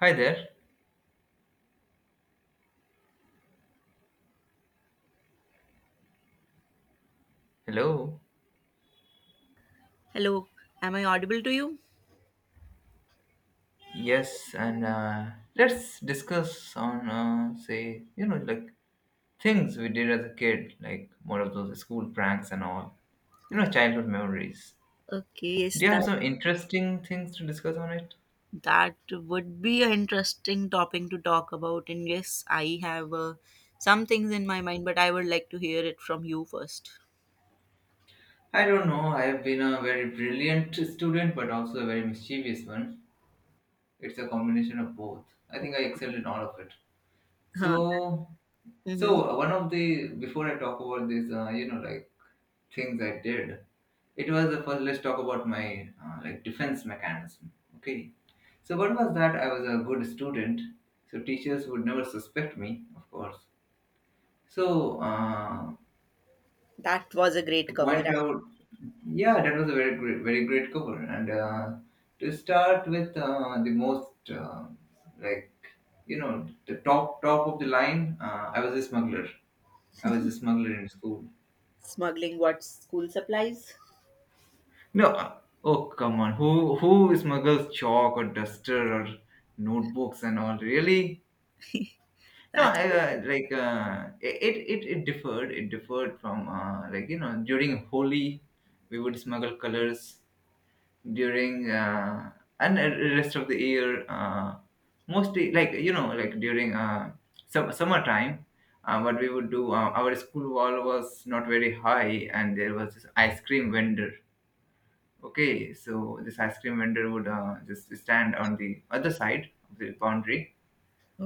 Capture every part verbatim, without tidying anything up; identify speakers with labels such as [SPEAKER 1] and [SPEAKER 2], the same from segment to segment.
[SPEAKER 1] Hi there. Hello.
[SPEAKER 2] Hello, am I audible to you?
[SPEAKER 1] Yes, and uh, let's discuss on uh, say you know like things we did as a kid, like more of those school pranks and all. You know, childhood memories.
[SPEAKER 2] Okay, yes,
[SPEAKER 1] Do you have
[SPEAKER 2] that
[SPEAKER 1] some interesting things to discuss on it?
[SPEAKER 2] that would be an interesting topic to talk about. And yes, I have uh, some things in my mind, but I would like to hear it from you first.
[SPEAKER 1] I don't know. I've been a very brilliant student, but also a very mischievous one. It's a combination of both. I think I excelled in all of it.
[SPEAKER 2] Huh.
[SPEAKER 1] So,
[SPEAKER 2] Mm-hmm.
[SPEAKER 1] so uh, one of the before I talk about this, uh, you know, like things I did, it was the first. Let's talk about my uh, like defense mechanism. Okay. So what was that? I was a good student, so teachers would never suspect me, of course. So uh,
[SPEAKER 2] That was a great
[SPEAKER 1] to
[SPEAKER 2] cover.
[SPEAKER 1] point out, yeah, that was a very great, very great cover. And uh, to start with uh, the most uh, like you know the top top of the line, uh, I was a smuggler. I was a smuggler in school.
[SPEAKER 2] Smuggling what school supplies?
[SPEAKER 1] No, uh, oh come on, who who smuggles chalk or duster or notebooks and all? Really? No,
[SPEAKER 2] That's it.
[SPEAKER 1] uh, like uh, it, it it differed. It differed from uh, like you know during Holi, we would smuggle colors during uh, and the rest of the year. Uh, mostly like you know like during uh, sum- summertime. uh, what we would do, uh, our school wall was not very high, and there was this ice cream vendor. Okay, so this ice cream vendor would uh, just stand on the other side of the boundary,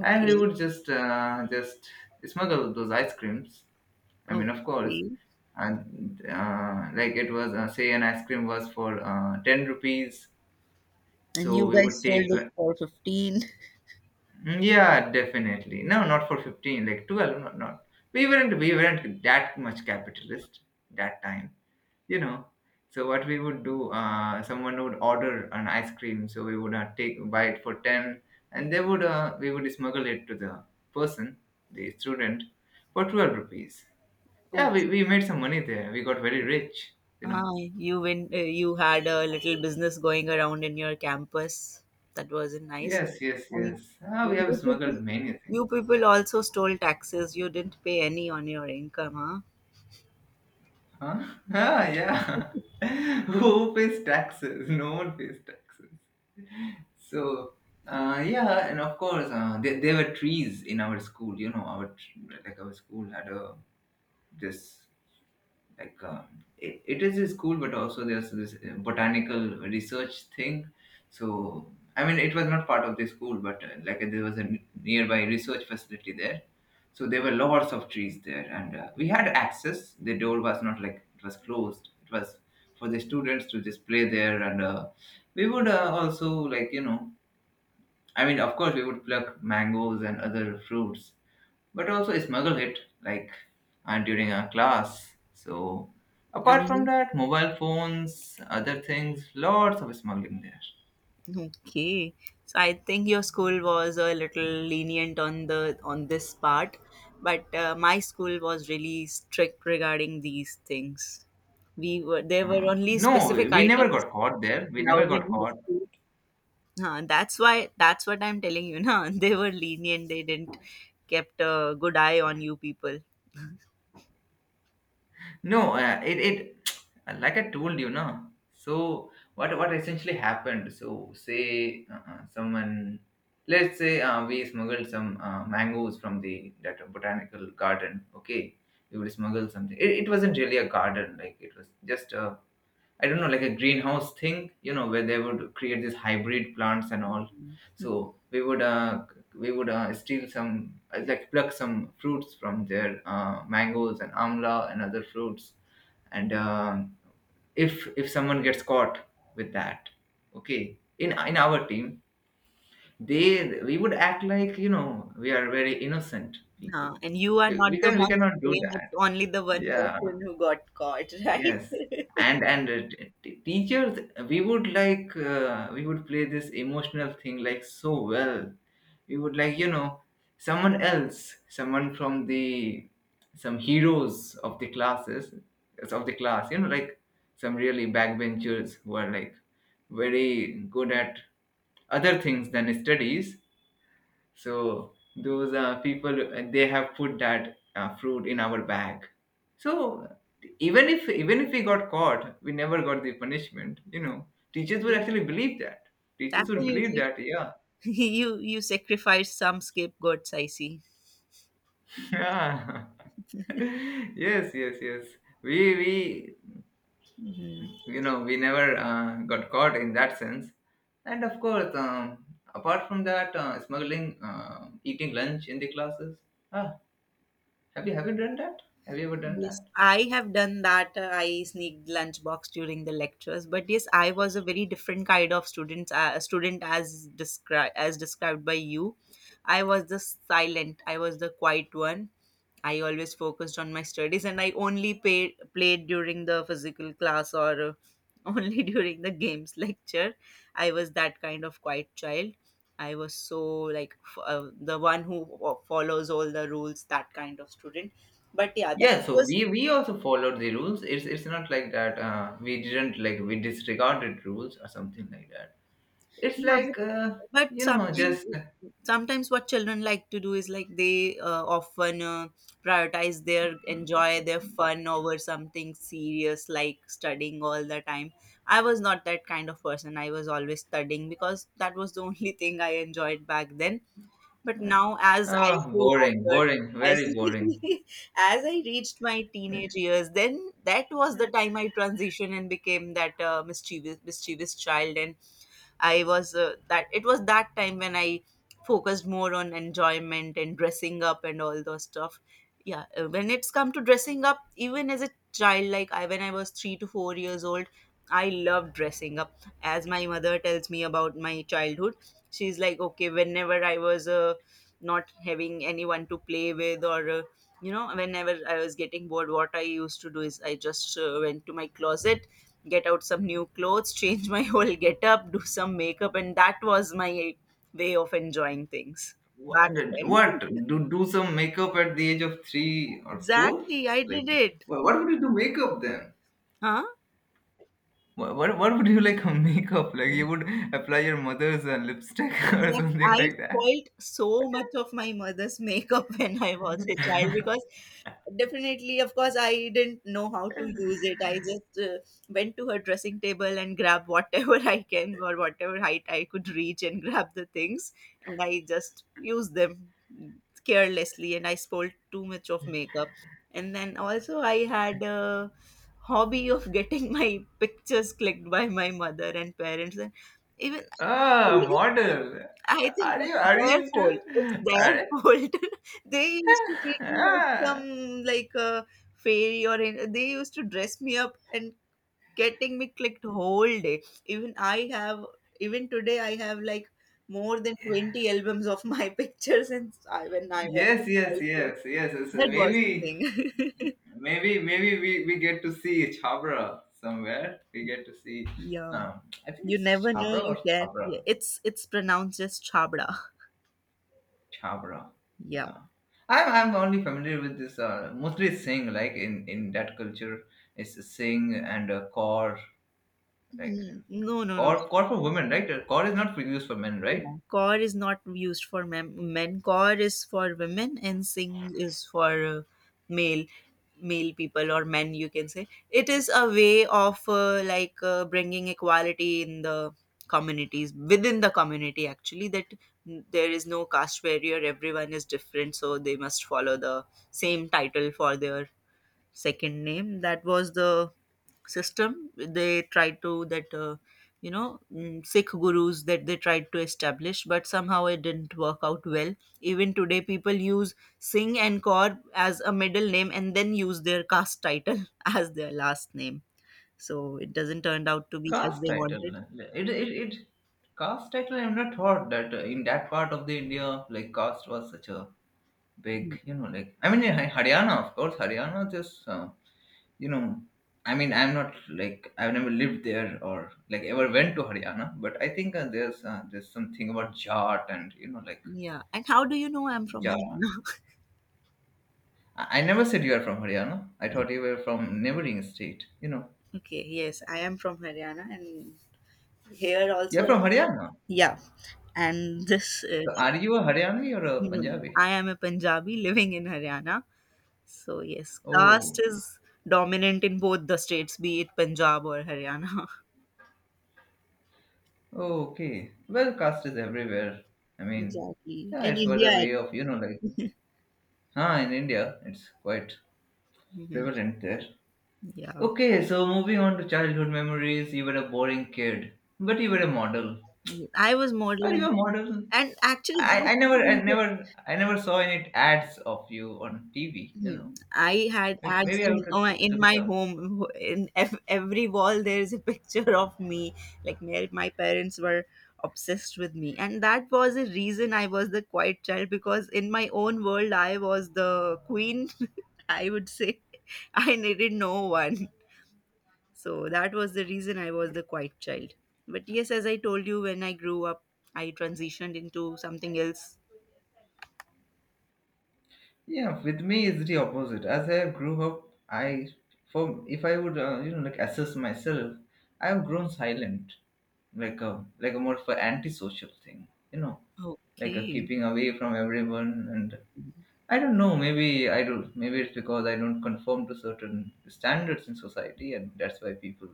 [SPEAKER 1] and we would just uh, just smuggle those ice creams. I mean, of course,
[SPEAKER 2] Okay.
[SPEAKER 1] and uh, like it was, uh, say an ice cream was for uh, ten rupees,
[SPEAKER 2] And
[SPEAKER 1] so
[SPEAKER 2] you
[SPEAKER 1] we would
[SPEAKER 2] guys sold
[SPEAKER 1] take
[SPEAKER 2] it
[SPEAKER 1] like,
[SPEAKER 2] for fifteen.
[SPEAKER 1] Mm, yeah, definitely no, not for fifteen, like twelve, not not. We weren't we weren't that much capitalist that time. you know so what we would do, uh, someone would order an ice cream, so we would uh, take buy it for ten, and they would uh, we would smuggle it to the person, the student, for twelve rupees. Yeah,
[SPEAKER 2] Oh.
[SPEAKER 1] we, we made some money there. We got very rich you know
[SPEAKER 2] Ah, you went, uh, you had a little business going around in your campus. That wasn't nice.
[SPEAKER 1] yes, yes,
[SPEAKER 2] And
[SPEAKER 1] yes. ah, we have
[SPEAKER 2] you people,
[SPEAKER 1] smuggled many things.
[SPEAKER 2] you people also stole taxes. You didn't pay any on your income, huh?
[SPEAKER 1] Huh. ah, yeah. Who pays taxes? No one pays taxes. So, uh, yeah, and of course, uh, there, there were trees in our school. You know, our tr- like our school had a this like, um, it, it is a school, but also there's this uh, botanical research thing. So, I mean, it was not part of the school, but uh, like there was a n- nearby research facility there. So there were lots of trees there, and uh, we had access. The door was not like it was closed. It was for the students to just play there, and uh, we would uh, also, like, you know I mean, of course, we would pluck mangoes and other fruits, but also smuggle it, like, uh, during our class. So, apart from
[SPEAKER 2] And
[SPEAKER 1] that, mobile phones, other things, lots of smuggling there.
[SPEAKER 2] okay, so I think your school was a little lenient on the on this part, but uh, my school was really strict regarding these things. We were There were
[SPEAKER 1] Uh,
[SPEAKER 2] only
[SPEAKER 1] no, we
[SPEAKER 2] specific
[SPEAKER 1] we never
[SPEAKER 2] items
[SPEAKER 1] got caught there. We never
[SPEAKER 2] allowed
[SPEAKER 1] got
[SPEAKER 2] in my
[SPEAKER 1] caught.
[SPEAKER 2] school. Huh, that's why that's what I'm telling you now. They were lenient. They didn't kept a good eye on you people.
[SPEAKER 1] No, uh, it it like I told you, no. So what what essentially happened? So say, uh, uh, someone, let's say, uh, we smuggled some uh, mangoes from the that botanical garden. Okay, we would smuggle something. It, it wasn't really a garden; like, it was just a I don't know, like a greenhouse thing, you know, where they would create these hybrid plants and all. So we would uh, we would uh, steal some, uh, like, pluck some fruits from their, uh, mangoes and amla and other fruits, and um, if if someone gets caught with that, okay, in in our team, they we would act like, you know we are very innocent people.
[SPEAKER 2] Huh. And you are
[SPEAKER 1] We,
[SPEAKER 2] not
[SPEAKER 1] we
[SPEAKER 2] the
[SPEAKER 1] can we
[SPEAKER 2] one to
[SPEAKER 1] cannot do
[SPEAKER 2] blame. It's
[SPEAKER 1] that.
[SPEAKER 2] only the one
[SPEAKER 1] Yeah,
[SPEAKER 2] person who got caught, right?
[SPEAKER 1] yes, and and uh, t- t- teachers, we would like uh, we would play this emotional thing like so well. We would, like, you know someone else, someone from the some heroes of the classes of the class. You know, like some really backbenchers who are like very good at other things than studies, so those uh, people, uh, they have put that uh, fruit in our bag. So even if even if we got caught, we never got the punishment. You know, teachers would
[SPEAKER 2] Yeah,
[SPEAKER 1] actually believe that. Teachers would believe
[SPEAKER 2] definitely.
[SPEAKER 1] that. Yeah.
[SPEAKER 2] You you sacrificed some scapegoats, I see.
[SPEAKER 1] Yeah. Yes, yes, yes. We we
[SPEAKER 2] Mhm.
[SPEAKER 1] you know we never uh, got caught in that sense. And of course, um, apart from that, uh, smuggling, uh, eating lunch in the classes. Ah, have you have you done that? Have you ever done
[SPEAKER 2] Yes,
[SPEAKER 1] that?
[SPEAKER 2] I have done that. Uh, I sneaked lunchbox during the lectures, but yes, I was a very different kind of student. Uh, student as described as described by you, I was the silent. I was the quiet one. I always focused on my studies, and I only paid, played during the physical class or uh, Only during the games lecture. I was that kind of quiet child. I was so like f- uh, the one who fo- follows all the rules, that kind of student. But yeah, that
[SPEAKER 1] Yeah, so
[SPEAKER 2] was.
[SPEAKER 1] we we also followed the rules. It's it's not like that. Uh, we didn't, like, we disregarded rules or something like that. It's
[SPEAKER 2] Yeah, but,
[SPEAKER 1] like, uh,
[SPEAKER 2] but
[SPEAKER 1] you know
[SPEAKER 2] sometimes,
[SPEAKER 1] just,
[SPEAKER 2] sometimes what children like to do is like they uh, often uh, prioritize their enjoy their fun over something serious like studying all the time. I was not that kind of person. I was always studying because that was the only thing I enjoyed back then. But now, as I
[SPEAKER 1] uh,
[SPEAKER 2] grew
[SPEAKER 1] boring,
[SPEAKER 2] older,
[SPEAKER 1] boring, very
[SPEAKER 2] as
[SPEAKER 1] boring.
[SPEAKER 2] as I reached my teenage years, then that was the time I transitioned and became that uh, mischievous mischievous child. And I was uh, that it was that time when I focused more on enjoyment and dressing up and all those stuff. Yeah, uh, when it's come to dressing up, even as a child, like I when I was three to four years old, I loved dressing up. As my mother tells me about my childhood, she's like, okay, whenever I was uh, not having anyone to play with or uh, you know whenever I was getting bored, what I used to do is I just uh, went to my closet, get out some new clothes, change my whole get up, do some makeup, and that was my way of enjoying things
[SPEAKER 1] What,
[SPEAKER 2] back
[SPEAKER 1] what
[SPEAKER 2] then.
[SPEAKER 1] do do some makeup at the age of three or four?
[SPEAKER 2] Exactly, I
[SPEAKER 1] Like,
[SPEAKER 2] did it.
[SPEAKER 1] wha- what would you do makeup then?
[SPEAKER 2] Huh?
[SPEAKER 1] What what, what would you, like, makeup? Like, you would apply your mother's uh, lipstick or
[SPEAKER 2] Exact.
[SPEAKER 1] something
[SPEAKER 2] I
[SPEAKER 1] like that.
[SPEAKER 2] spoilt so much of my mother's makeup when I was a child because definitely, of course, I didn't know how to use it. I just uh, went to her dressing table and grabbed whatever I can, or whatever height I could reach and grab the things, and I just used them carelessly. And I spoiled too much of makeup. And then also, I had a hobby of getting my pictures clicked by my mother and parents, and even
[SPEAKER 1] Ah, model.
[SPEAKER 2] I think
[SPEAKER 1] Are you
[SPEAKER 2] it's
[SPEAKER 1] are you
[SPEAKER 2] their
[SPEAKER 1] into?
[SPEAKER 2] fault. It's their
[SPEAKER 1] Are,
[SPEAKER 2] fault. They used to treat me like
[SPEAKER 1] Ah,
[SPEAKER 2] some like a fairy or an- they used to dress me up and getting me clicked whole day. Even I have even today I have like more than twenty albums of my pictures and I when I was a
[SPEAKER 1] yes, yes,
[SPEAKER 2] child. So
[SPEAKER 1] yes, yes, yes.
[SPEAKER 2] that was the
[SPEAKER 1] Maybe,
[SPEAKER 2] thing.
[SPEAKER 1] maybe, maybe we, we get to see Chabra somewhere. We get to see,
[SPEAKER 2] Yeah.
[SPEAKER 1] um, I think
[SPEAKER 2] You
[SPEAKER 1] it's
[SPEAKER 2] never know
[SPEAKER 1] Chabra or
[SPEAKER 2] you can.
[SPEAKER 1] Chabra.
[SPEAKER 2] Yeah. It's it's pronounced as chabda.
[SPEAKER 1] Chabra,
[SPEAKER 2] Yeah.
[SPEAKER 1] yeah. I'm, I'm only familiar with this, uh, mostly Singh, like, in, in that culture, it's Singh and, uh, Kaur, like,
[SPEAKER 2] Mm. No, no, no.
[SPEAKER 1] Kaur, Kaur for women, right? Kaur is not used for men, right?
[SPEAKER 2] Yeah, core is not used for mem- men. Core is for women, and sing is for uh, male male people or men. You can say it is a way of uh, like uh, bringing equality in the communities within the community. Actually, that mm, there is no caste barrier. Everyone is different, so they must follow the same title for their second name. That was the system they tried to that uh, you know mm, sikh gurus that they tried to establish, but somehow it didn't work out well. Even today people use singh and kaur as a middle name and then use their caste title as their last name, so it doesn't turn out to be as
[SPEAKER 1] Caste
[SPEAKER 2] they
[SPEAKER 1] title.
[SPEAKER 2] wanted.
[SPEAKER 1] It, it, it, caste title, I've not thought that, uh, in that part of the India, like caste was such a big,
[SPEAKER 2] Mm.
[SPEAKER 1] you know, like, I mean, in Har- Haryana, of course, Haryana just, uh, you know, I mean, I'm not, like, I've never lived there or like ever went to Haryana, but I think uh, there's uh, there's something about Jat and, you know, like,
[SPEAKER 2] Yeah, and how do you know I'm from
[SPEAKER 1] Jat.
[SPEAKER 2] Haryana?
[SPEAKER 1] I, I never said you are from Haryana. I thought you were from neighboring state, you know.
[SPEAKER 2] Okay, yes, I am from Haryana, and here
[SPEAKER 1] You're
[SPEAKER 2] also,
[SPEAKER 1] from Haryana.
[SPEAKER 2] yeah, and this is.
[SPEAKER 1] So are you a Haryani or a Punjabi?
[SPEAKER 2] I am a Punjabi living in Haryana. So yes, caste
[SPEAKER 1] Oh,
[SPEAKER 2] is dominant in both the states, be it Punjab or Haryana.
[SPEAKER 1] oh, okay. Well, caste is everywhere. I mean,
[SPEAKER 2] Exactly.
[SPEAKER 1] yeah,
[SPEAKER 2] In
[SPEAKER 1] it's what
[SPEAKER 2] India,
[SPEAKER 1] a way of, you know, like, huh, in India, it's quite
[SPEAKER 2] Mhm.
[SPEAKER 1] prevalent there.
[SPEAKER 2] Yeah.
[SPEAKER 1] Okay, so moving on to childhood memories, you were a boring kid, but you were a model.
[SPEAKER 2] I was
[SPEAKER 1] Are you
[SPEAKER 2] modeling,
[SPEAKER 1] a model?
[SPEAKER 2] and actually,
[SPEAKER 1] I, I
[SPEAKER 2] that's
[SPEAKER 1] never,
[SPEAKER 2] the
[SPEAKER 1] I
[SPEAKER 2] reason.
[SPEAKER 1] never, I never saw any ads of you on T V, you know.
[SPEAKER 2] Hmm. I had
[SPEAKER 1] May-
[SPEAKER 2] ads
[SPEAKER 1] Maybe I would
[SPEAKER 2] in,
[SPEAKER 1] just
[SPEAKER 2] uh, in
[SPEAKER 1] look it
[SPEAKER 2] my
[SPEAKER 1] up.
[SPEAKER 2] home. In ev- every wall, there is a picture of me. Like my, my parents were obsessed with me, and that was the reason I was the quiet child because in my own world, I was the queen. I would say I needed no one, so that was the reason I was the quiet child. But yes, as I told you, when I grew up, I transitioned into something else.
[SPEAKER 1] Yeah, with me it's the opposite. As I grew up, I for if I would, uh, you know like, assess myself, I have grown silent, like a like a more for antisocial thing, you know, like, a
[SPEAKER 2] Okay.
[SPEAKER 1] keeping away from everyone. And I don't know, maybe I do. Maybe it's because I don't conform to certain standards in society, and that's why people,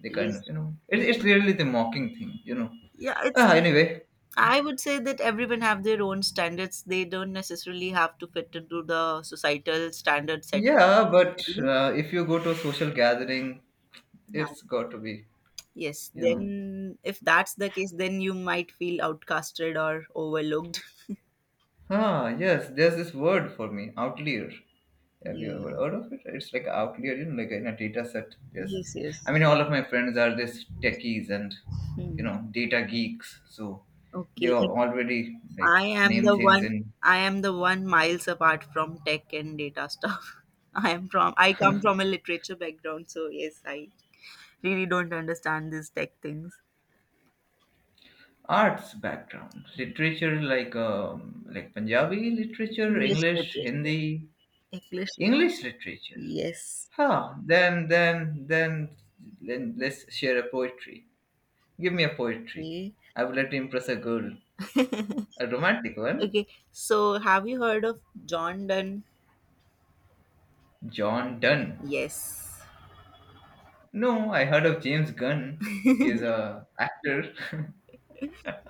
[SPEAKER 1] they kind
[SPEAKER 2] Yes.
[SPEAKER 1] of, you know it, it's really the mocking thing, you know.
[SPEAKER 2] Yeah, it's.
[SPEAKER 1] Ah, anyway,
[SPEAKER 2] I would say that everyone have their own standards. They don't necessarily have to fit into the societal standard set.
[SPEAKER 1] yeah, but
[SPEAKER 2] Yeah.
[SPEAKER 1] uh, if you go to a social gathering, it's got to be
[SPEAKER 2] Yes.
[SPEAKER 1] you know
[SPEAKER 2] Then, if that's the case, then you might feel outcasted or overlooked.
[SPEAKER 1] ah yes there's this word for me, outlier. Have you ever
[SPEAKER 2] Yeah.
[SPEAKER 1] heard of it? It's like outlier, you know like in a data set. Yes, it's-
[SPEAKER 2] Yes.
[SPEAKER 1] I
[SPEAKER 2] Yes.
[SPEAKER 1] mean, all of my friends are this techies and, you
[SPEAKER 2] Hmm.
[SPEAKER 1] know data geeks, so they
[SPEAKER 2] Okay.
[SPEAKER 1] are already,
[SPEAKER 2] I
[SPEAKER 1] like,
[SPEAKER 2] am
[SPEAKER 1] name
[SPEAKER 2] the
[SPEAKER 1] things
[SPEAKER 2] one.
[SPEAKER 1] in
[SPEAKER 2] I am the one miles apart from tech and data stuff. I am from. I come from a literature background, so yes, I really don't understand these tech things.
[SPEAKER 1] arts background literature, like, um, like, Punjabi literature,
[SPEAKER 2] English
[SPEAKER 1] English,
[SPEAKER 2] literature.
[SPEAKER 1] Hindi,
[SPEAKER 2] English.
[SPEAKER 1] English literature.
[SPEAKER 2] Yes.
[SPEAKER 1] Huh. Then then then, then let's share a poetry. Give me a poetry.
[SPEAKER 2] Yeah.
[SPEAKER 1] I would like to impress a girl. A romantic one?
[SPEAKER 2] Okay. So, have you heard of John Donne?
[SPEAKER 1] John Donne.
[SPEAKER 2] Yes.
[SPEAKER 1] No, I heard of James Gunn. He's a actor.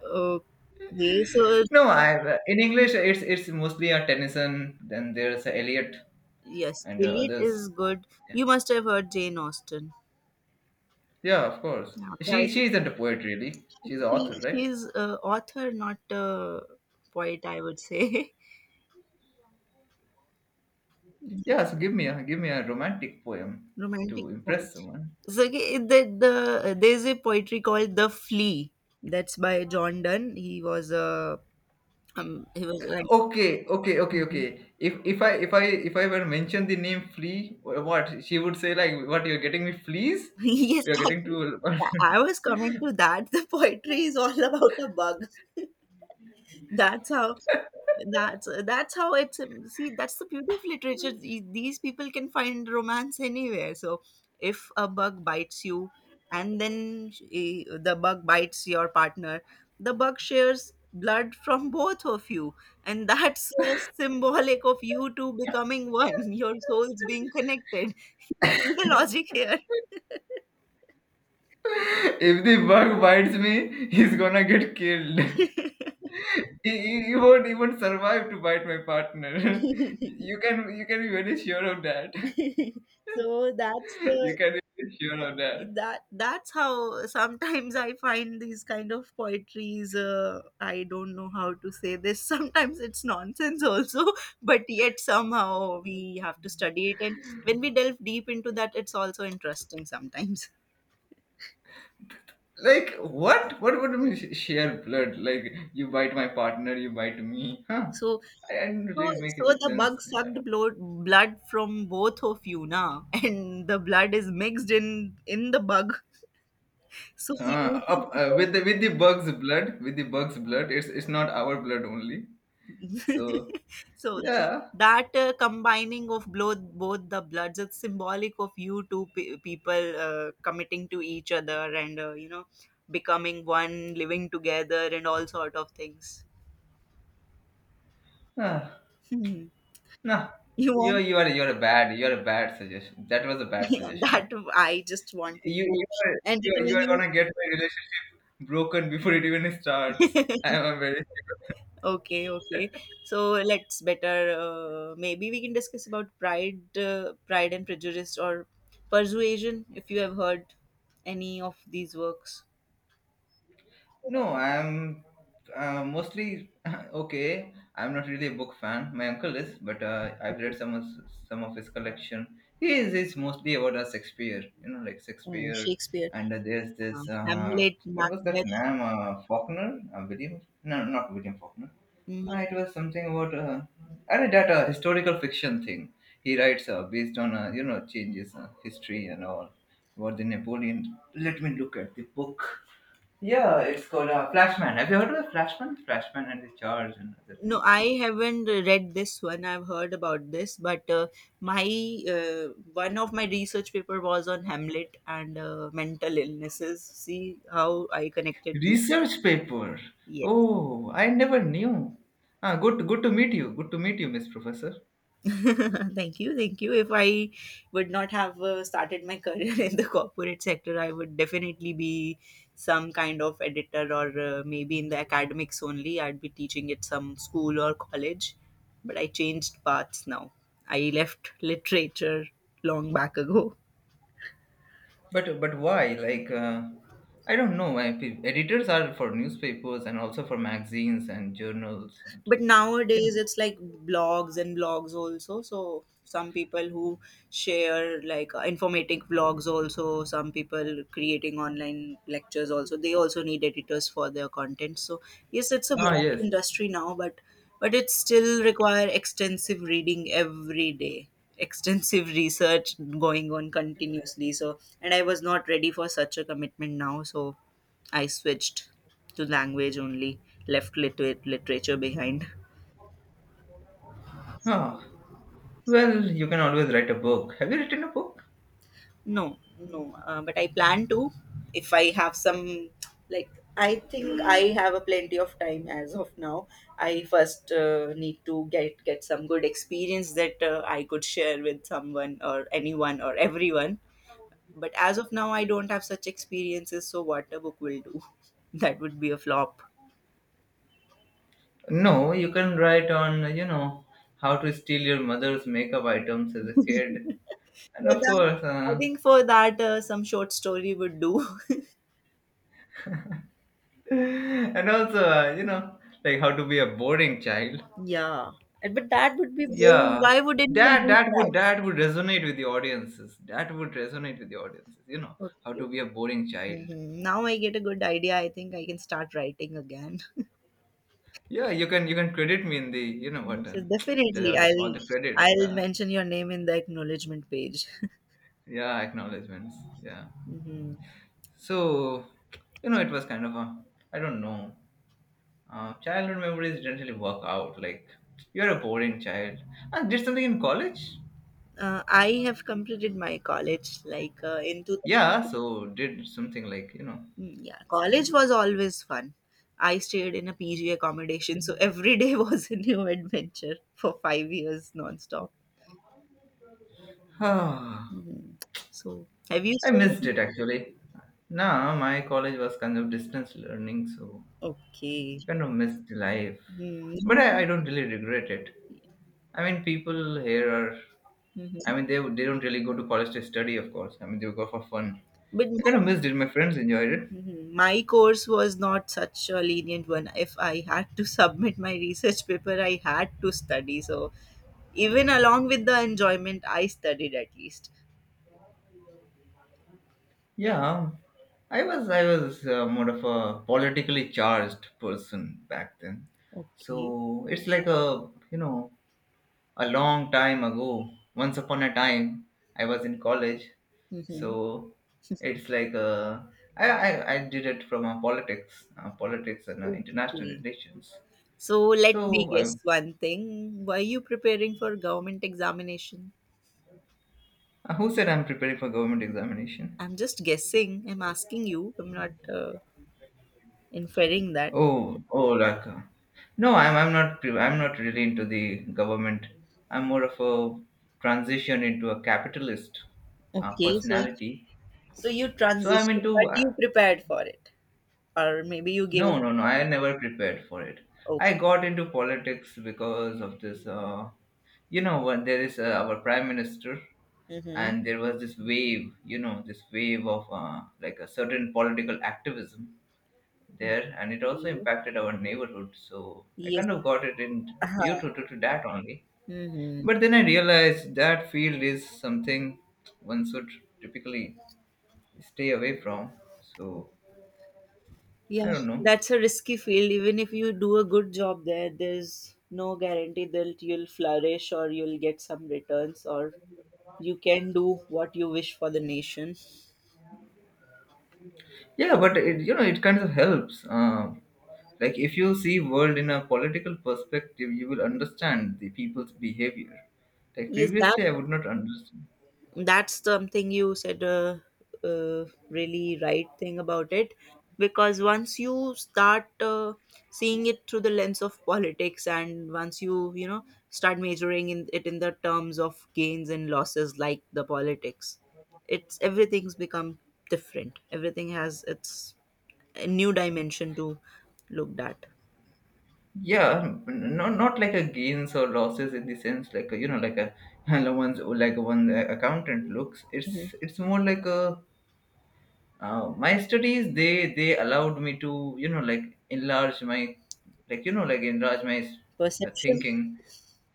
[SPEAKER 2] Okay. So,
[SPEAKER 1] No, I in English, it's it's mostly a Tennyson. Then there's a Eliot
[SPEAKER 2] yes,
[SPEAKER 1] and, uh,
[SPEAKER 2] Elliot is
[SPEAKER 1] others.
[SPEAKER 2] good.
[SPEAKER 1] Yeah,
[SPEAKER 2] You must have heard Jane Austen.
[SPEAKER 1] yeah, of course.
[SPEAKER 2] Yeah,
[SPEAKER 1] She
[SPEAKER 2] right.
[SPEAKER 1] she isn't a poet really. She's an author,
[SPEAKER 2] She
[SPEAKER 1] right?
[SPEAKER 2] she's a author, not a poet, I would say.
[SPEAKER 1] Yeah, so give me a give me a romantic poem
[SPEAKER 2] Romantic
[SPEAKER 1] to
[SPEAKER 2] poem.
[SPEAKER 1] impress someone.
[SPEAKER 2] So okay, the, the there's a poetry called The Flea. That's by John Donne. He was a um, he was
[SPEAKER 1] Okay, okay, okay, okay.
[SPEAKER 2] like.
[SPEAKER 1] If if I if I if I were mention the name flea, wh- what she would say, like, "What, you're getting me fleas?
[SPEAKER 2] Yes,
[SPEAKER 1] You're getting
[SPEAKER 2] actually,
[SPEAKER 1] to—"
[SPEAKER 2] tha- I was coming to that. The poetry is all about a bug. that's how that's that's how it's, see, that's the beauty of literature. The- these people can find romance anywhere. So if a bug bites you and then eh, the bug bites your partner, the bug shares blood from both of you, and that's uh, symbolic of you two becoming one, your souls being connected. The logic
[SPEAKER 1] If the bug bites me, he's gonna get killed. he, he, he won't even survive to bite my partner.
[SPEAKER 2] here.
[SPEAKER 1] you can you can be very sure of that.
[SPEAKER 2] So that's
[SPEAKER 1] You
[SPEAKER 2] the
[SPEAKER 1] can be very sure of that.
[SPEAKER 2] that, that's how sometimes I find these kind of poetries. uh, I don't know how to say this. Sometimes it's nonsense also, but yet somehow we have to study it, and when we delve deep into that, it's also interesting sometimes.
[SPEAKER 1] Like what? What would mean sh- share blood? Like, you bite my partner, you bite me, huh?
[SPEAKER 2] so
[SPEAKER 1] I, I didn't
[SPEAKER 2] so
[SPEAKER 1] really make
[SPEAKER 2] so
[SPEAKER 1] any
[SPEAKER 2] the bug
[SPEAKER 1] sense in
[SPEAKER 2] sucked
[SPEAKER 1] that.
[SPEAKER 2] blood blood from both of you na. And the blood is mixed in in the bug, so you
[SPEAKER 1] Uh,
[SPEAKER 2] two
[SPEAKER 1] up, uh,
[SPEAKER 2] people.
[SPEAKER 1] with the with the bug's blood, with the bug's blood, it's it's not our blood only. So
[SPEAKER 2] So
[SPEAKER 1] yeah,
[SPEAKER 2] that uh, combining of both both the bloods, it's symbolic of you two pe- people uh, committing to each other and uh, you know becoming one, living together, and all sort of things.
[SPEAKER 1] uh,
[SPEAKER 2] Hmm.
[SPEAKER 1] nah,
[SPEAKER 2] You
[SPEAKER 1] you
[SPEAKER 2] want
[SPEAKER 1] you are you're a bad you're a bad suggestion. That was a bad
[SPEAKER 2] that?
[SPEAKER 1] suggestion.
[SPEAKER 2] I just wanted
[SPEAKER 1] You you
[SPEAKER 2] to
[SPEAKER 1] are you are, you are
[SPEAKER 2] entertain
[SPEAKER 1] gonna get my relationship broken before it even starts.
[SPEAKER 2] you.
[SPEAKER 1] I am very
[SPEAKER 2] Okay, okay. So let's better uh, maybe we can discuss about Pride, uh, Pride and Prejudice or Persuasion, if you have heard any of these works.
[SPEAKER 1] No, I'm, uh, mostly okay. I'm not really a book fan. My uncle is, but uh, I've read
[SPEAKER 2] Okay.
[SPEAKER 1] some of some of his collection. He is he's mostly about uh, Shakespeare, you know, like
[SPEAKER 2] Mm,
[SPEAKER 1] Shakespeare.
[SPEAKER 2] Shakespeare.
[SPEAKER 1] And uh, there's
[SPEAKER 2] Uh,
[SPEAKER 1] this uh,
[SPEAKER 2] Hamlet,
[SPEAKER 1] what was that
[SPEAKER 2] Macbeth.
[SPEAKER 1] name? Uh, Faulkner, uh, William? No, not William Faulkner.
[SPEAKER 2] Mm.
[SPEAKER 1] Uh, it was something about uh, I read that uh, historical fiction thing. He writes uh, based on uh, you know changes uh, history and all about the Napoleon. Let me look at the book. Yeah, it's called uh, Flashman. Have you heard of the Flashman? Flashman and the Charge and other
[SPEAKER 2] No,
[SPEAKER 1] things.
[SPEAKER 2] I haven't read this one. I've heard about this, but uh, my uh, one of my research paper was on Hamlet and uh, mental illnesses. See how I connected
[SPEAKER 1] Research paper.
[SPEAKER 2] them.
[SPEAKER 1] Oh, I never knew. Ah, good, good to meet you. Good to meet you, Miss Professor.
[SPEAKER 2] Thank you, thank you. If I would not have uh, started my career in the corporate sector, I would definitely be some kind of editor or uh, maybe in the academics only, I'd be teaching at some school or college. But I changed paths now. I left literature long back ago.
[SPEAKER 1] But, but why? Like, uh, I don't know. I, pe- editors are for newspapers and also for magazines and journals and
[SPEAKER 2] But
[SPEAKER 1] you
[SPEAKER 2] nowadays
[SPEAKER 1] know.
[SPEAKER 2] it's like blogs and blogs also, so some people who share like uh, informative blogs, also some people creating online lectures, also they also need editors for their content. So yes, it's a
[SPEAKER 1] Ah,
[SPEAKER 2] vast
[SPEAKER 1] yes.
[SPEAKER 2] industry now, but but it still require extensive reading every day, extensive research going on continuously. So and I was not ready for such a commitment now, so I switched to language only, left liter- literature behind.
[SPEAKER 1] Ah, well, you can always write a book. Have you written a book?
[SPEAKER 2] No, no. Uh, but I plan to, if I have some like, I think I have a plenty of time as of now. I first uh, need to get get some good experience that uh, I could share with someone or anyone or everyone. But as of now, I don't have such experiences. So what a book will do. That would be a flop.
[SPEAKER 1] No, you can write on you know how to steal your mother's makeup items as a
[SPEAKER 2] For
[SPEAKER 1] kid and of
[SPEAKER 2] that,
[SPEAKER 1] course
[SPEAKER 2] I
[SPEAKER 1] uh,
[SPEAKER 2] think for that uh, some short story would do.
[SPEAKER 1] and also uh, you know like how to be a boring child.
[SPEAKER 2] yeah, and- but that would be boring.
[SPEAKER 1] Yeah,
[SPEAKER 2] Why would anyone
[SPEAKER 1] that
[SPEAKER 2] do
[SPEAKER 1] that would
[SPEAKER 2] that?
[SPEAKER 1] that would resonate with the audiences, that would resonate with the audiences you know how
[SPEAKER 2] Okay.
[SPEAKER 1] to be a boring child.
[SPEAKER 2] Mhm. Now I get a good idea. I think I can start writing again.
[SPEAKER 1] Yeah, you can you can credit me in the you know what uh,
[SPEAKER 2] So
[SPEAKER 1] there
[SPEAKER 2] definitely,
[SPEAKER 1] are all
[SPEAKER 2] I'll
[SPEAKER 1] the credits.
[SPEAKER 2] I'll
[SPEAKER 1] Yeah,
[SPEAKER 2] mention your name in the acknowledgement page.
[SPEAKER 1] yeah, acknowledgments, yeah.
[SPEAKER 2] Hmm.
[SPEAKER 1] So, you know, it was kind of a, I don't know, uh, childhood memories didn't really work out, like you're a boring child. I did something in college.
[SPEAKER 2] Uh, I have completed my college like uh, in
[SPEAKER 1] Yeah,
[SPEAKER 2] two thousand.
[SPEAKER 1] so did something like, you know,
[SPEAKER 2] Mm, yeah, college
[SPEAKER 1] some.
[SPEAKER 2] was always fun. I stayed in a P G accommodation, so every day was a new adventure for five years nonstop.
[SPEAKER 1] I
[SPEAKER 2] Hmm. So, have you stayed?
[SPEAKER 1] missed
[SPEAKER 2] in-
[SPEAKER 1] it actually. Nah, my college was kind of distance learning, so
[SPEAKER 2] Okay.
[SPEAKER 1] kind of missed life. But I,
[SPEAKER 2] Mm-hmm.
[SPEAKER 1] I don't really regret it. I mean, people here are.
[SPEAKER 2] Mm-hmm.
[SPEAKER 1] I mean, they they don't really go to college to study, of course. I mean, they go for fun.
[SPEAKER 2] But
[SPEAKER 1] I
[SPEAKER 2] my
[SPEAKER 1] kind of missed it. My friends enjoyed it.
[SPEAKER 2] Mhm. My course was not such a lenient one. If I had to submit my research paper, I had to study. So, even along with the enjoyment, I studied at least.
[SPEAKER 1] Yeah, I was I was uh, more of a politically charged person back then,
[SPEAKER 2] Okay.
[SPEAKER 1] so it's like a, you know, a long time ago, once upon a time, I was in college.
[SPEAKER 2] Hmm.
[SPEAKER 1] So it's like uh, I, I, I did it from uh, politics, uh, politics and uh, international
[SPEAKER 2] Okay.
[SPEAKER 1] relations.
[SPEAKER 2] So, let me
[SPEAKER 1] So I,
[SPEAKER 2] guess one thing. Were you preparing for government examination?
[SPEAKER 1] uh, who said I'm preparing for government examination?
[SPEAKER 2] I'm just guessing. I'm asking you. I'm not uh, inferring that.
[SPEAKER 1] Oh, oh, like uh, no, I'm I'm not pre- I'm not really into the government. I'm more of a transition into a capitalist uh,
[SPEAKER 2] Okay. So,
[SPEAKER 1] personality.
[SPEAKER 2] so you
[SPEAKER 1] So I'm
[SPEAKER 2] transitioned,
[SPEAKER 1] into
[SPEAKER 2] but
[SPEAKER 1] uh,
[SPEAKER 2] you prepared for it, or maybe you gave.
[SPEAKER 1] No, no, no. I never prepared for it. I
[SPEAKER 2] Okay.
[SPEAKER 1] got into politics because of this. Uh, you know, when there is uh, our prime minister,
[SPEAKER 2] Mm-hmm.
[SPEAKER 1] and there was this wave. You know, this wave of uh, like a certain political activism there, and it also impacted our neighborhood. So I
[SPEAKER 2] Yes.
[SPEAKER 1] kind of got it in due
[SPEAKER 2] Uh-huh.
[SPEAKER 1] to, to, to that only.
[SPEAKER 2] Hmm.
[SPEAKER 1] But then I realized that field is something one should typically stay away from. So I
[SPEAKER 2] Yeah,
[SPEAKER 1] don't know.
[SPEAKER 2] that's a risky field. Even if you do a good job there, there's no guarantee that you'll flourish or you'll get some returns or you can do what you wish for the nation.
[SPEAKER 1] Yeah, but it, you know, it kind of helps. Um like if you see world in a political perspective, you will understand the people's behavior. Like
[SPEAKER 2] Yes, that
[SPEAKER 1] previously I would not understand.
[SPEAKER 2] that's something you said a, uh, really right thing about it because once you start uh, seeing it through the lens of politics, and once you, you know, start measuring in it in the terms of gains and losses, like the politics, it's everything's become different. Everything has its a new dimension to looked at.
[SPEAKER 1] Yeah, not not like a gains or losses in the sense, like a, you know, like a one's like one accountant looks,
[SPEAKER 2] Mhm.
[SPEAKER 1] it's it's more like a uh, my studies, they they allowed me to, you know, like enlarge my, like, you know, like enlarge my uh,
[SPEAKER 2] Perception.
[SPEAKER 1] thinking.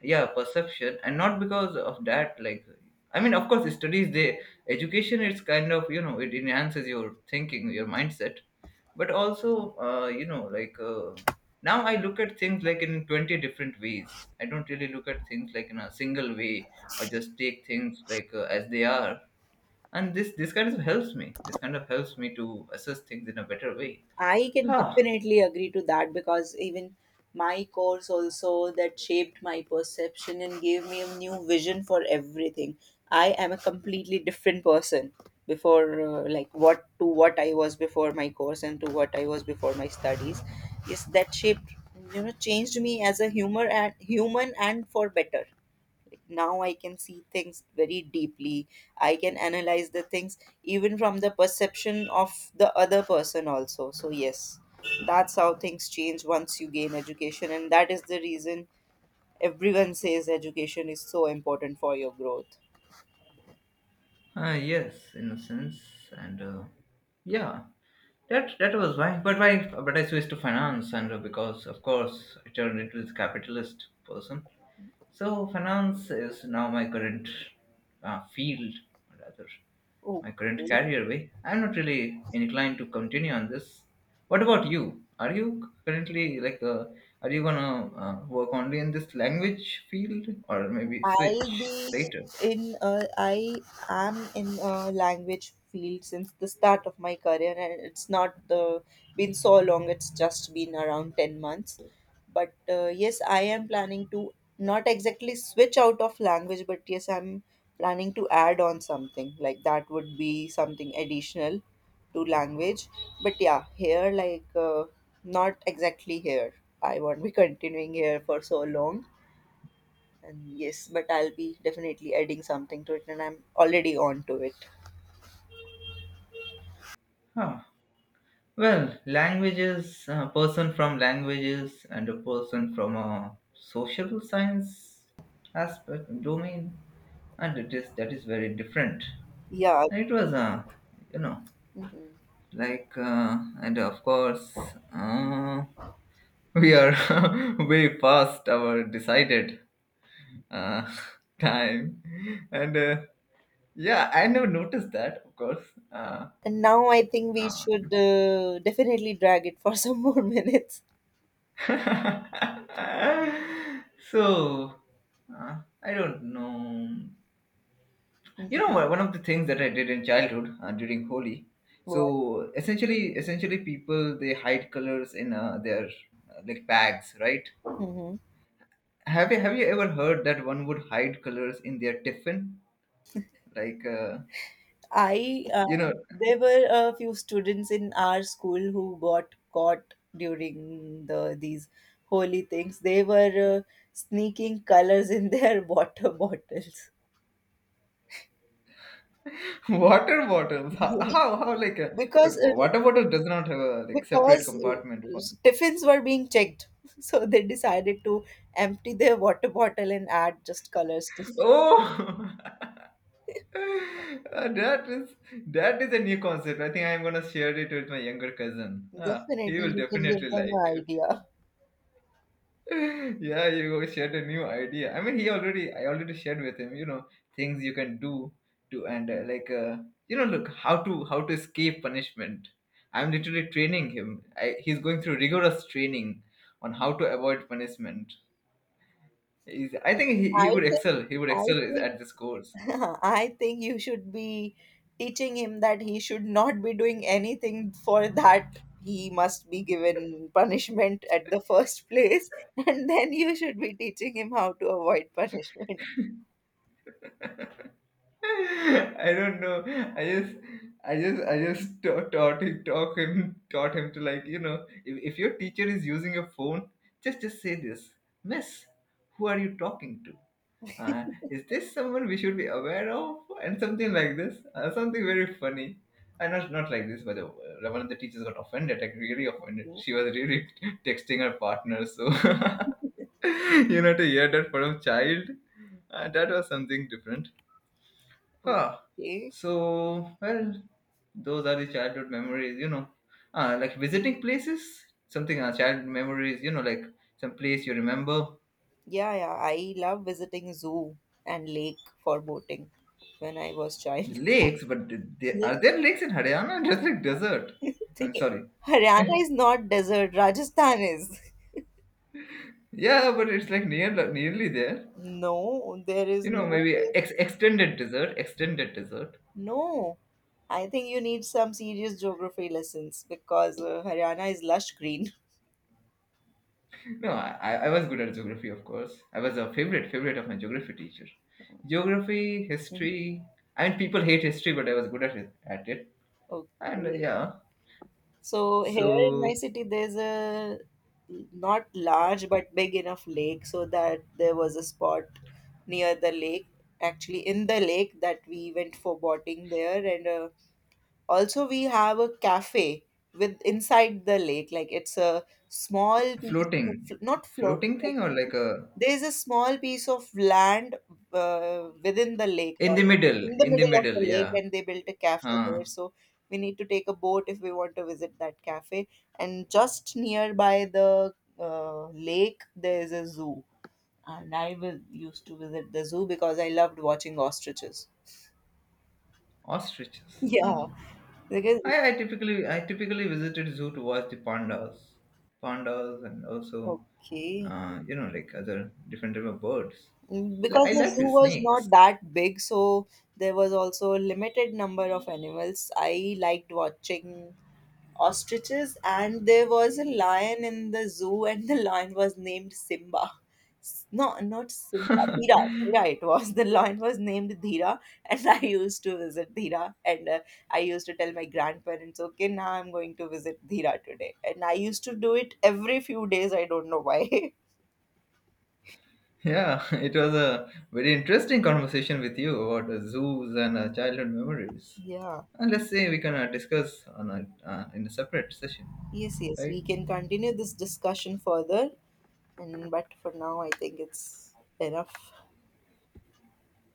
[SPEAKER 1] Yeah, perception, and not because of that. Like, I mean, of course studies, they education, it's kind of, you know, it enhances your thinking, your mindset. But also uh, you know like uh, now I look at things like in twenty different ways. I don't really look at things like in a single way or just take things like uh, as they are. And this this kind of helps me, this kind of helps me to assess things in a better way.
[SPEAKER 2] I can
[SPEAKER 1] Huh.
[SPEAKER 2] definitely agree to that because even my course also that shaped my perception and gave me a new vision for everything. I am a completely different person before uh, like what to what I was before my course and to what I was before my studies. Yes, that shaped, you know, changed me as a humor and human and for better. Now I can see things very deeply. I can analyze the things even from the perception of the other person also. So yes, that's how things change once you gain education, and that is the reason everyone says education is so important for your growth.
[SPEAKER 1] Ah yes, in a sense, and uh, yeah, that that was why. But why? But I switched to finance, and uh, because of course I turned into this capitalist person. So finance is now my current uh, field, or rather
[SPEAKER 2] Oh.
[SPEAKER 1] my current career way. I'm not really inclined to continue on this. What about you? Are you currently like, uh, are you gonna uh, work only in this language field, or maybe
[SPEAKER 2] I'll
[SPEAKER 1] switch
[SPEAKER 2] be
[SPEAKER 1] later?
[SPEAKER 2] in uh, I am in a language field since the start of my career, and it's not the been so long. It's just been around ten months, but uh, yes, I am planning to not exactly switch out of language, but yes, I'm planning to add on something like that would be something additional to language. But yeah, here like uh, not exactly here, I won't be continuing here for so long. And yes, but I'll be definitely adding something to it, and I'm already on to it.
[SPEAKER 1] Huh. Well, languages, a person from languages and a person from a social science aspect domain, and it is that is very different.
[SPEAKER 2] Yeah.
[SPEAKER 1] And it was, uh, you know,
[SPEAKER 2] Mhm.
[SPEAKER 1] like, uh, and of course, uh, we are way past our decided uh, time, and uh, yeah, I never noticed that, of course. Uh,
[SPEAKER 2] And now I think we
[SPEAKER 1] uh,
[SPEAKER 2] should uh, definitely drag it for some more minutes.
[SPEAKER 1] so uh, I don't know, you know
[SPEAKER 2] Mhm.
[SPEAKER 1] what, one of the things that I did in childhood uh, during Holi,
[SPEAKER 2] What?
[SPEAKER 1] so essentially essentially people, they hide colors in uh, their uh, like bags, right?
[SPEAKER 2] Mhm.
[SPEAKER 1] Have you have you ever heard that one would hide colors in their tiffin, like uh,
[SPEAKER 2] I
[SPEAKER 1] you
[SPEAKER 2] uh,
[SPEAKER 1] know
[SPEAKER 2] there were a few students in our school who got caught during the these holy things. They were uh, sneaking colors in their water bottles.
[SPEAKER 1] water bottles? How
[SPEAKER 2] Yeah.
[SPEAKER 1] how, how like a,
[SPEAKER 2] Because
[SPEAKER 1] but wa-
[SPEAKER 2] uh,
[SPEAKER 1] water bottle does not have a like separate
[SPEAKER 2] because
[SPEAKER 1] compartment
[SPEAKER 2] uh,
[SPEAKER 1] for.
[SPEAKER 2] tiffins were being checked. So they decided to empty their water bottle and add just colors to.
[SPEAKER 1] oh. Uh, that is that is a new concept. I think I'm gonna share it with my younger cousin. Ah, he
[SPEAKER 2] Definitely,
[SPEAKER 1] will
[SPEAKER 2] you can give
[SPEAKER 1] definitely
[SPEAKER 2] them
[SPEAKER 1] like
[SPEAKER 2] an
[SPEAKER 1] it.
[SPEAKER 2] idea.
[SPEAKER 1] yeah, you shared a new idea. I mean, he already, I already shared with him. You know, things you can do to, and uh, like uh, you know, look how to how to escape punishment. I'm literally training him. I, he's going through rigorous training on how to avoid punishment. He's, I think he, he
[SPEAKER 2] I
[SPEAKER 1] would
[SPEAKER 2] think,
[SPEAKER 1] excel. He would
[SPEAKER 2] I
[SPEAKER 1] excel
[SPEAKER 2] think,
[SPEAKER 1] at this course.
[SPEAKER 2] I think you should be teaching him that he should not be doing anything for that. He must be given punishment at the first place, and then you should be teaching him how to avoid punishment.
[SPEAKER 1] I don't know. I just, I just, I just ta- taught him, taught him, taught him to like, you know, if, if your teacher is using a phone, just, just say this: Miss, who are you talking to? Uh, is this someone we should be aware of? And something like this, uh, something very funny. And not, not like this, but the, uh, one of the teachers got offended, like really offended. She was really texting her partner, so you know, to hear that from a child, uh, that was something different. Huh.
[SPEAKER 2] Okay.
[SPEAKER 1] So, well, those are the childhood memories, you know. Uh, like visiting places, something uh, childhood memories, you know, like some place you remember.
[SPEAKER 2] Yeah, yeah. I love visiting zoo and lake for boating when I was child.
[SPEAKER 1] Lakes, but did they,
[SPEAKER 2] Lake-
[SPEAKER 1] are there lakes in Haryana? Just like desert.
[SPEAKER 2] See,
[SPEAKER 1] I'm sorry.
[SPEAKER 2] Haryana is not desert. Rajasthan is.
[SPEAKER 1] yeah, but it's like near, nearly there.
[SPEAKER 2] No, there is
[SPEAKER 1] You know,
[SPEAKER 2] no.
[SPEAKER 1] maybe ex- extended desert, extended desert.
[SPEAKER 2] No, I think you need some serious geography lessons because uh, Haryana is lush green.
[SPEAKER 1] No, I, I was good at geography, of course. I was a favorite favorite of my geography teacher. Geography, history. I mean, people hate history, but I was good at it. At it. And uh,
[SPEAKER 2] Okay.
[SPEAKER 1] yeah,
[SPEAKER 2] So here in
[SPEAKER 1] so
[SPEAKER 2] my city, there's a not large but big enough lake, so that there was a spot near the lake, actually in the lake, that we went for boating there, and a also, we have a cafe with inside the lake. Like it's a small piece
[SPEAKER 1] floating,
[SPEAKER 2] of, not floating.
[SPEAKER 1] floating thing or
[SPEAKER 2] Actually,
[SPEAKER 1] like a
[SPEAKER 2] there's a small piece of land uh, within the lake,
[SPEAKER 1] in
[SPEAKER 2] or
[SPEAKER 1] the middle,
[SPEAKER 2] in the
[SPEAKER 1] in the
[SPEAKER 2] middle of
[SPEAKER 1] middle.
[SPEAKER 2] the lake,
[SPEAKER 1] Yeah,
[SPEAKER 2] and they built a cafe
[SPEAKER 1] huh?
[SPEAKER 2] there. So we need to take a boat if we want to visit that cafe. And just nearby the uh, lake, there is a zoo. And I will, used to visit the zoo because I loved watching ostriches.
[SPEAKER 1] Ostriches.
[SPEAKER 2] Yeah,
[SPEAKER 1] Huh.
[SPEAKER 2] because
[SPEAKER 1] I, I typically I typically visited zoo to watch the pandas, pandas, and also
[SPEAKER 2] okay.
[SPEAKER 1] uh, you know like other different type of birds.
[SPEAKER 2] Mm,
[SPEAKER 1] Li-
[SPEAKER 2] because
[SPEAKER 1] I
[SPEAKER 2] the
[SPEAKER 1] like
[SPEAKER 2] zoo
[SPEAKER 1] the
[SPEAKER 2] was
[SPEAKER 1] snakes.
[SPEAKER 2] not that big, so there was also a limited number of animals. I liked watching ostriches, and there was a lion in the zoo, and the lion was named Simba. S- No, not Simba, Dhira. Dhira it was. The lion was named Dhira, and I used to visit Dhira, and uh, I used to tell my grandparents, okay, now I'm going to visit Dhira today. And I used to do it every few days, I don't know why.
[SPEAKER 1] Yeah, it was a very interesting conversation with you about uh, zoos and uh, childhood memories.
[SPEAKER 2] Yeah.
[SPEAKER 1] And let's say we can uh, discuss on a, uh, in a separate session,
[SPEAKER 2] Yes, yes,
[SPEAKER 1] right?
[SPEAKER 2] we can continue this discussion further, and but for now, I think it's enough.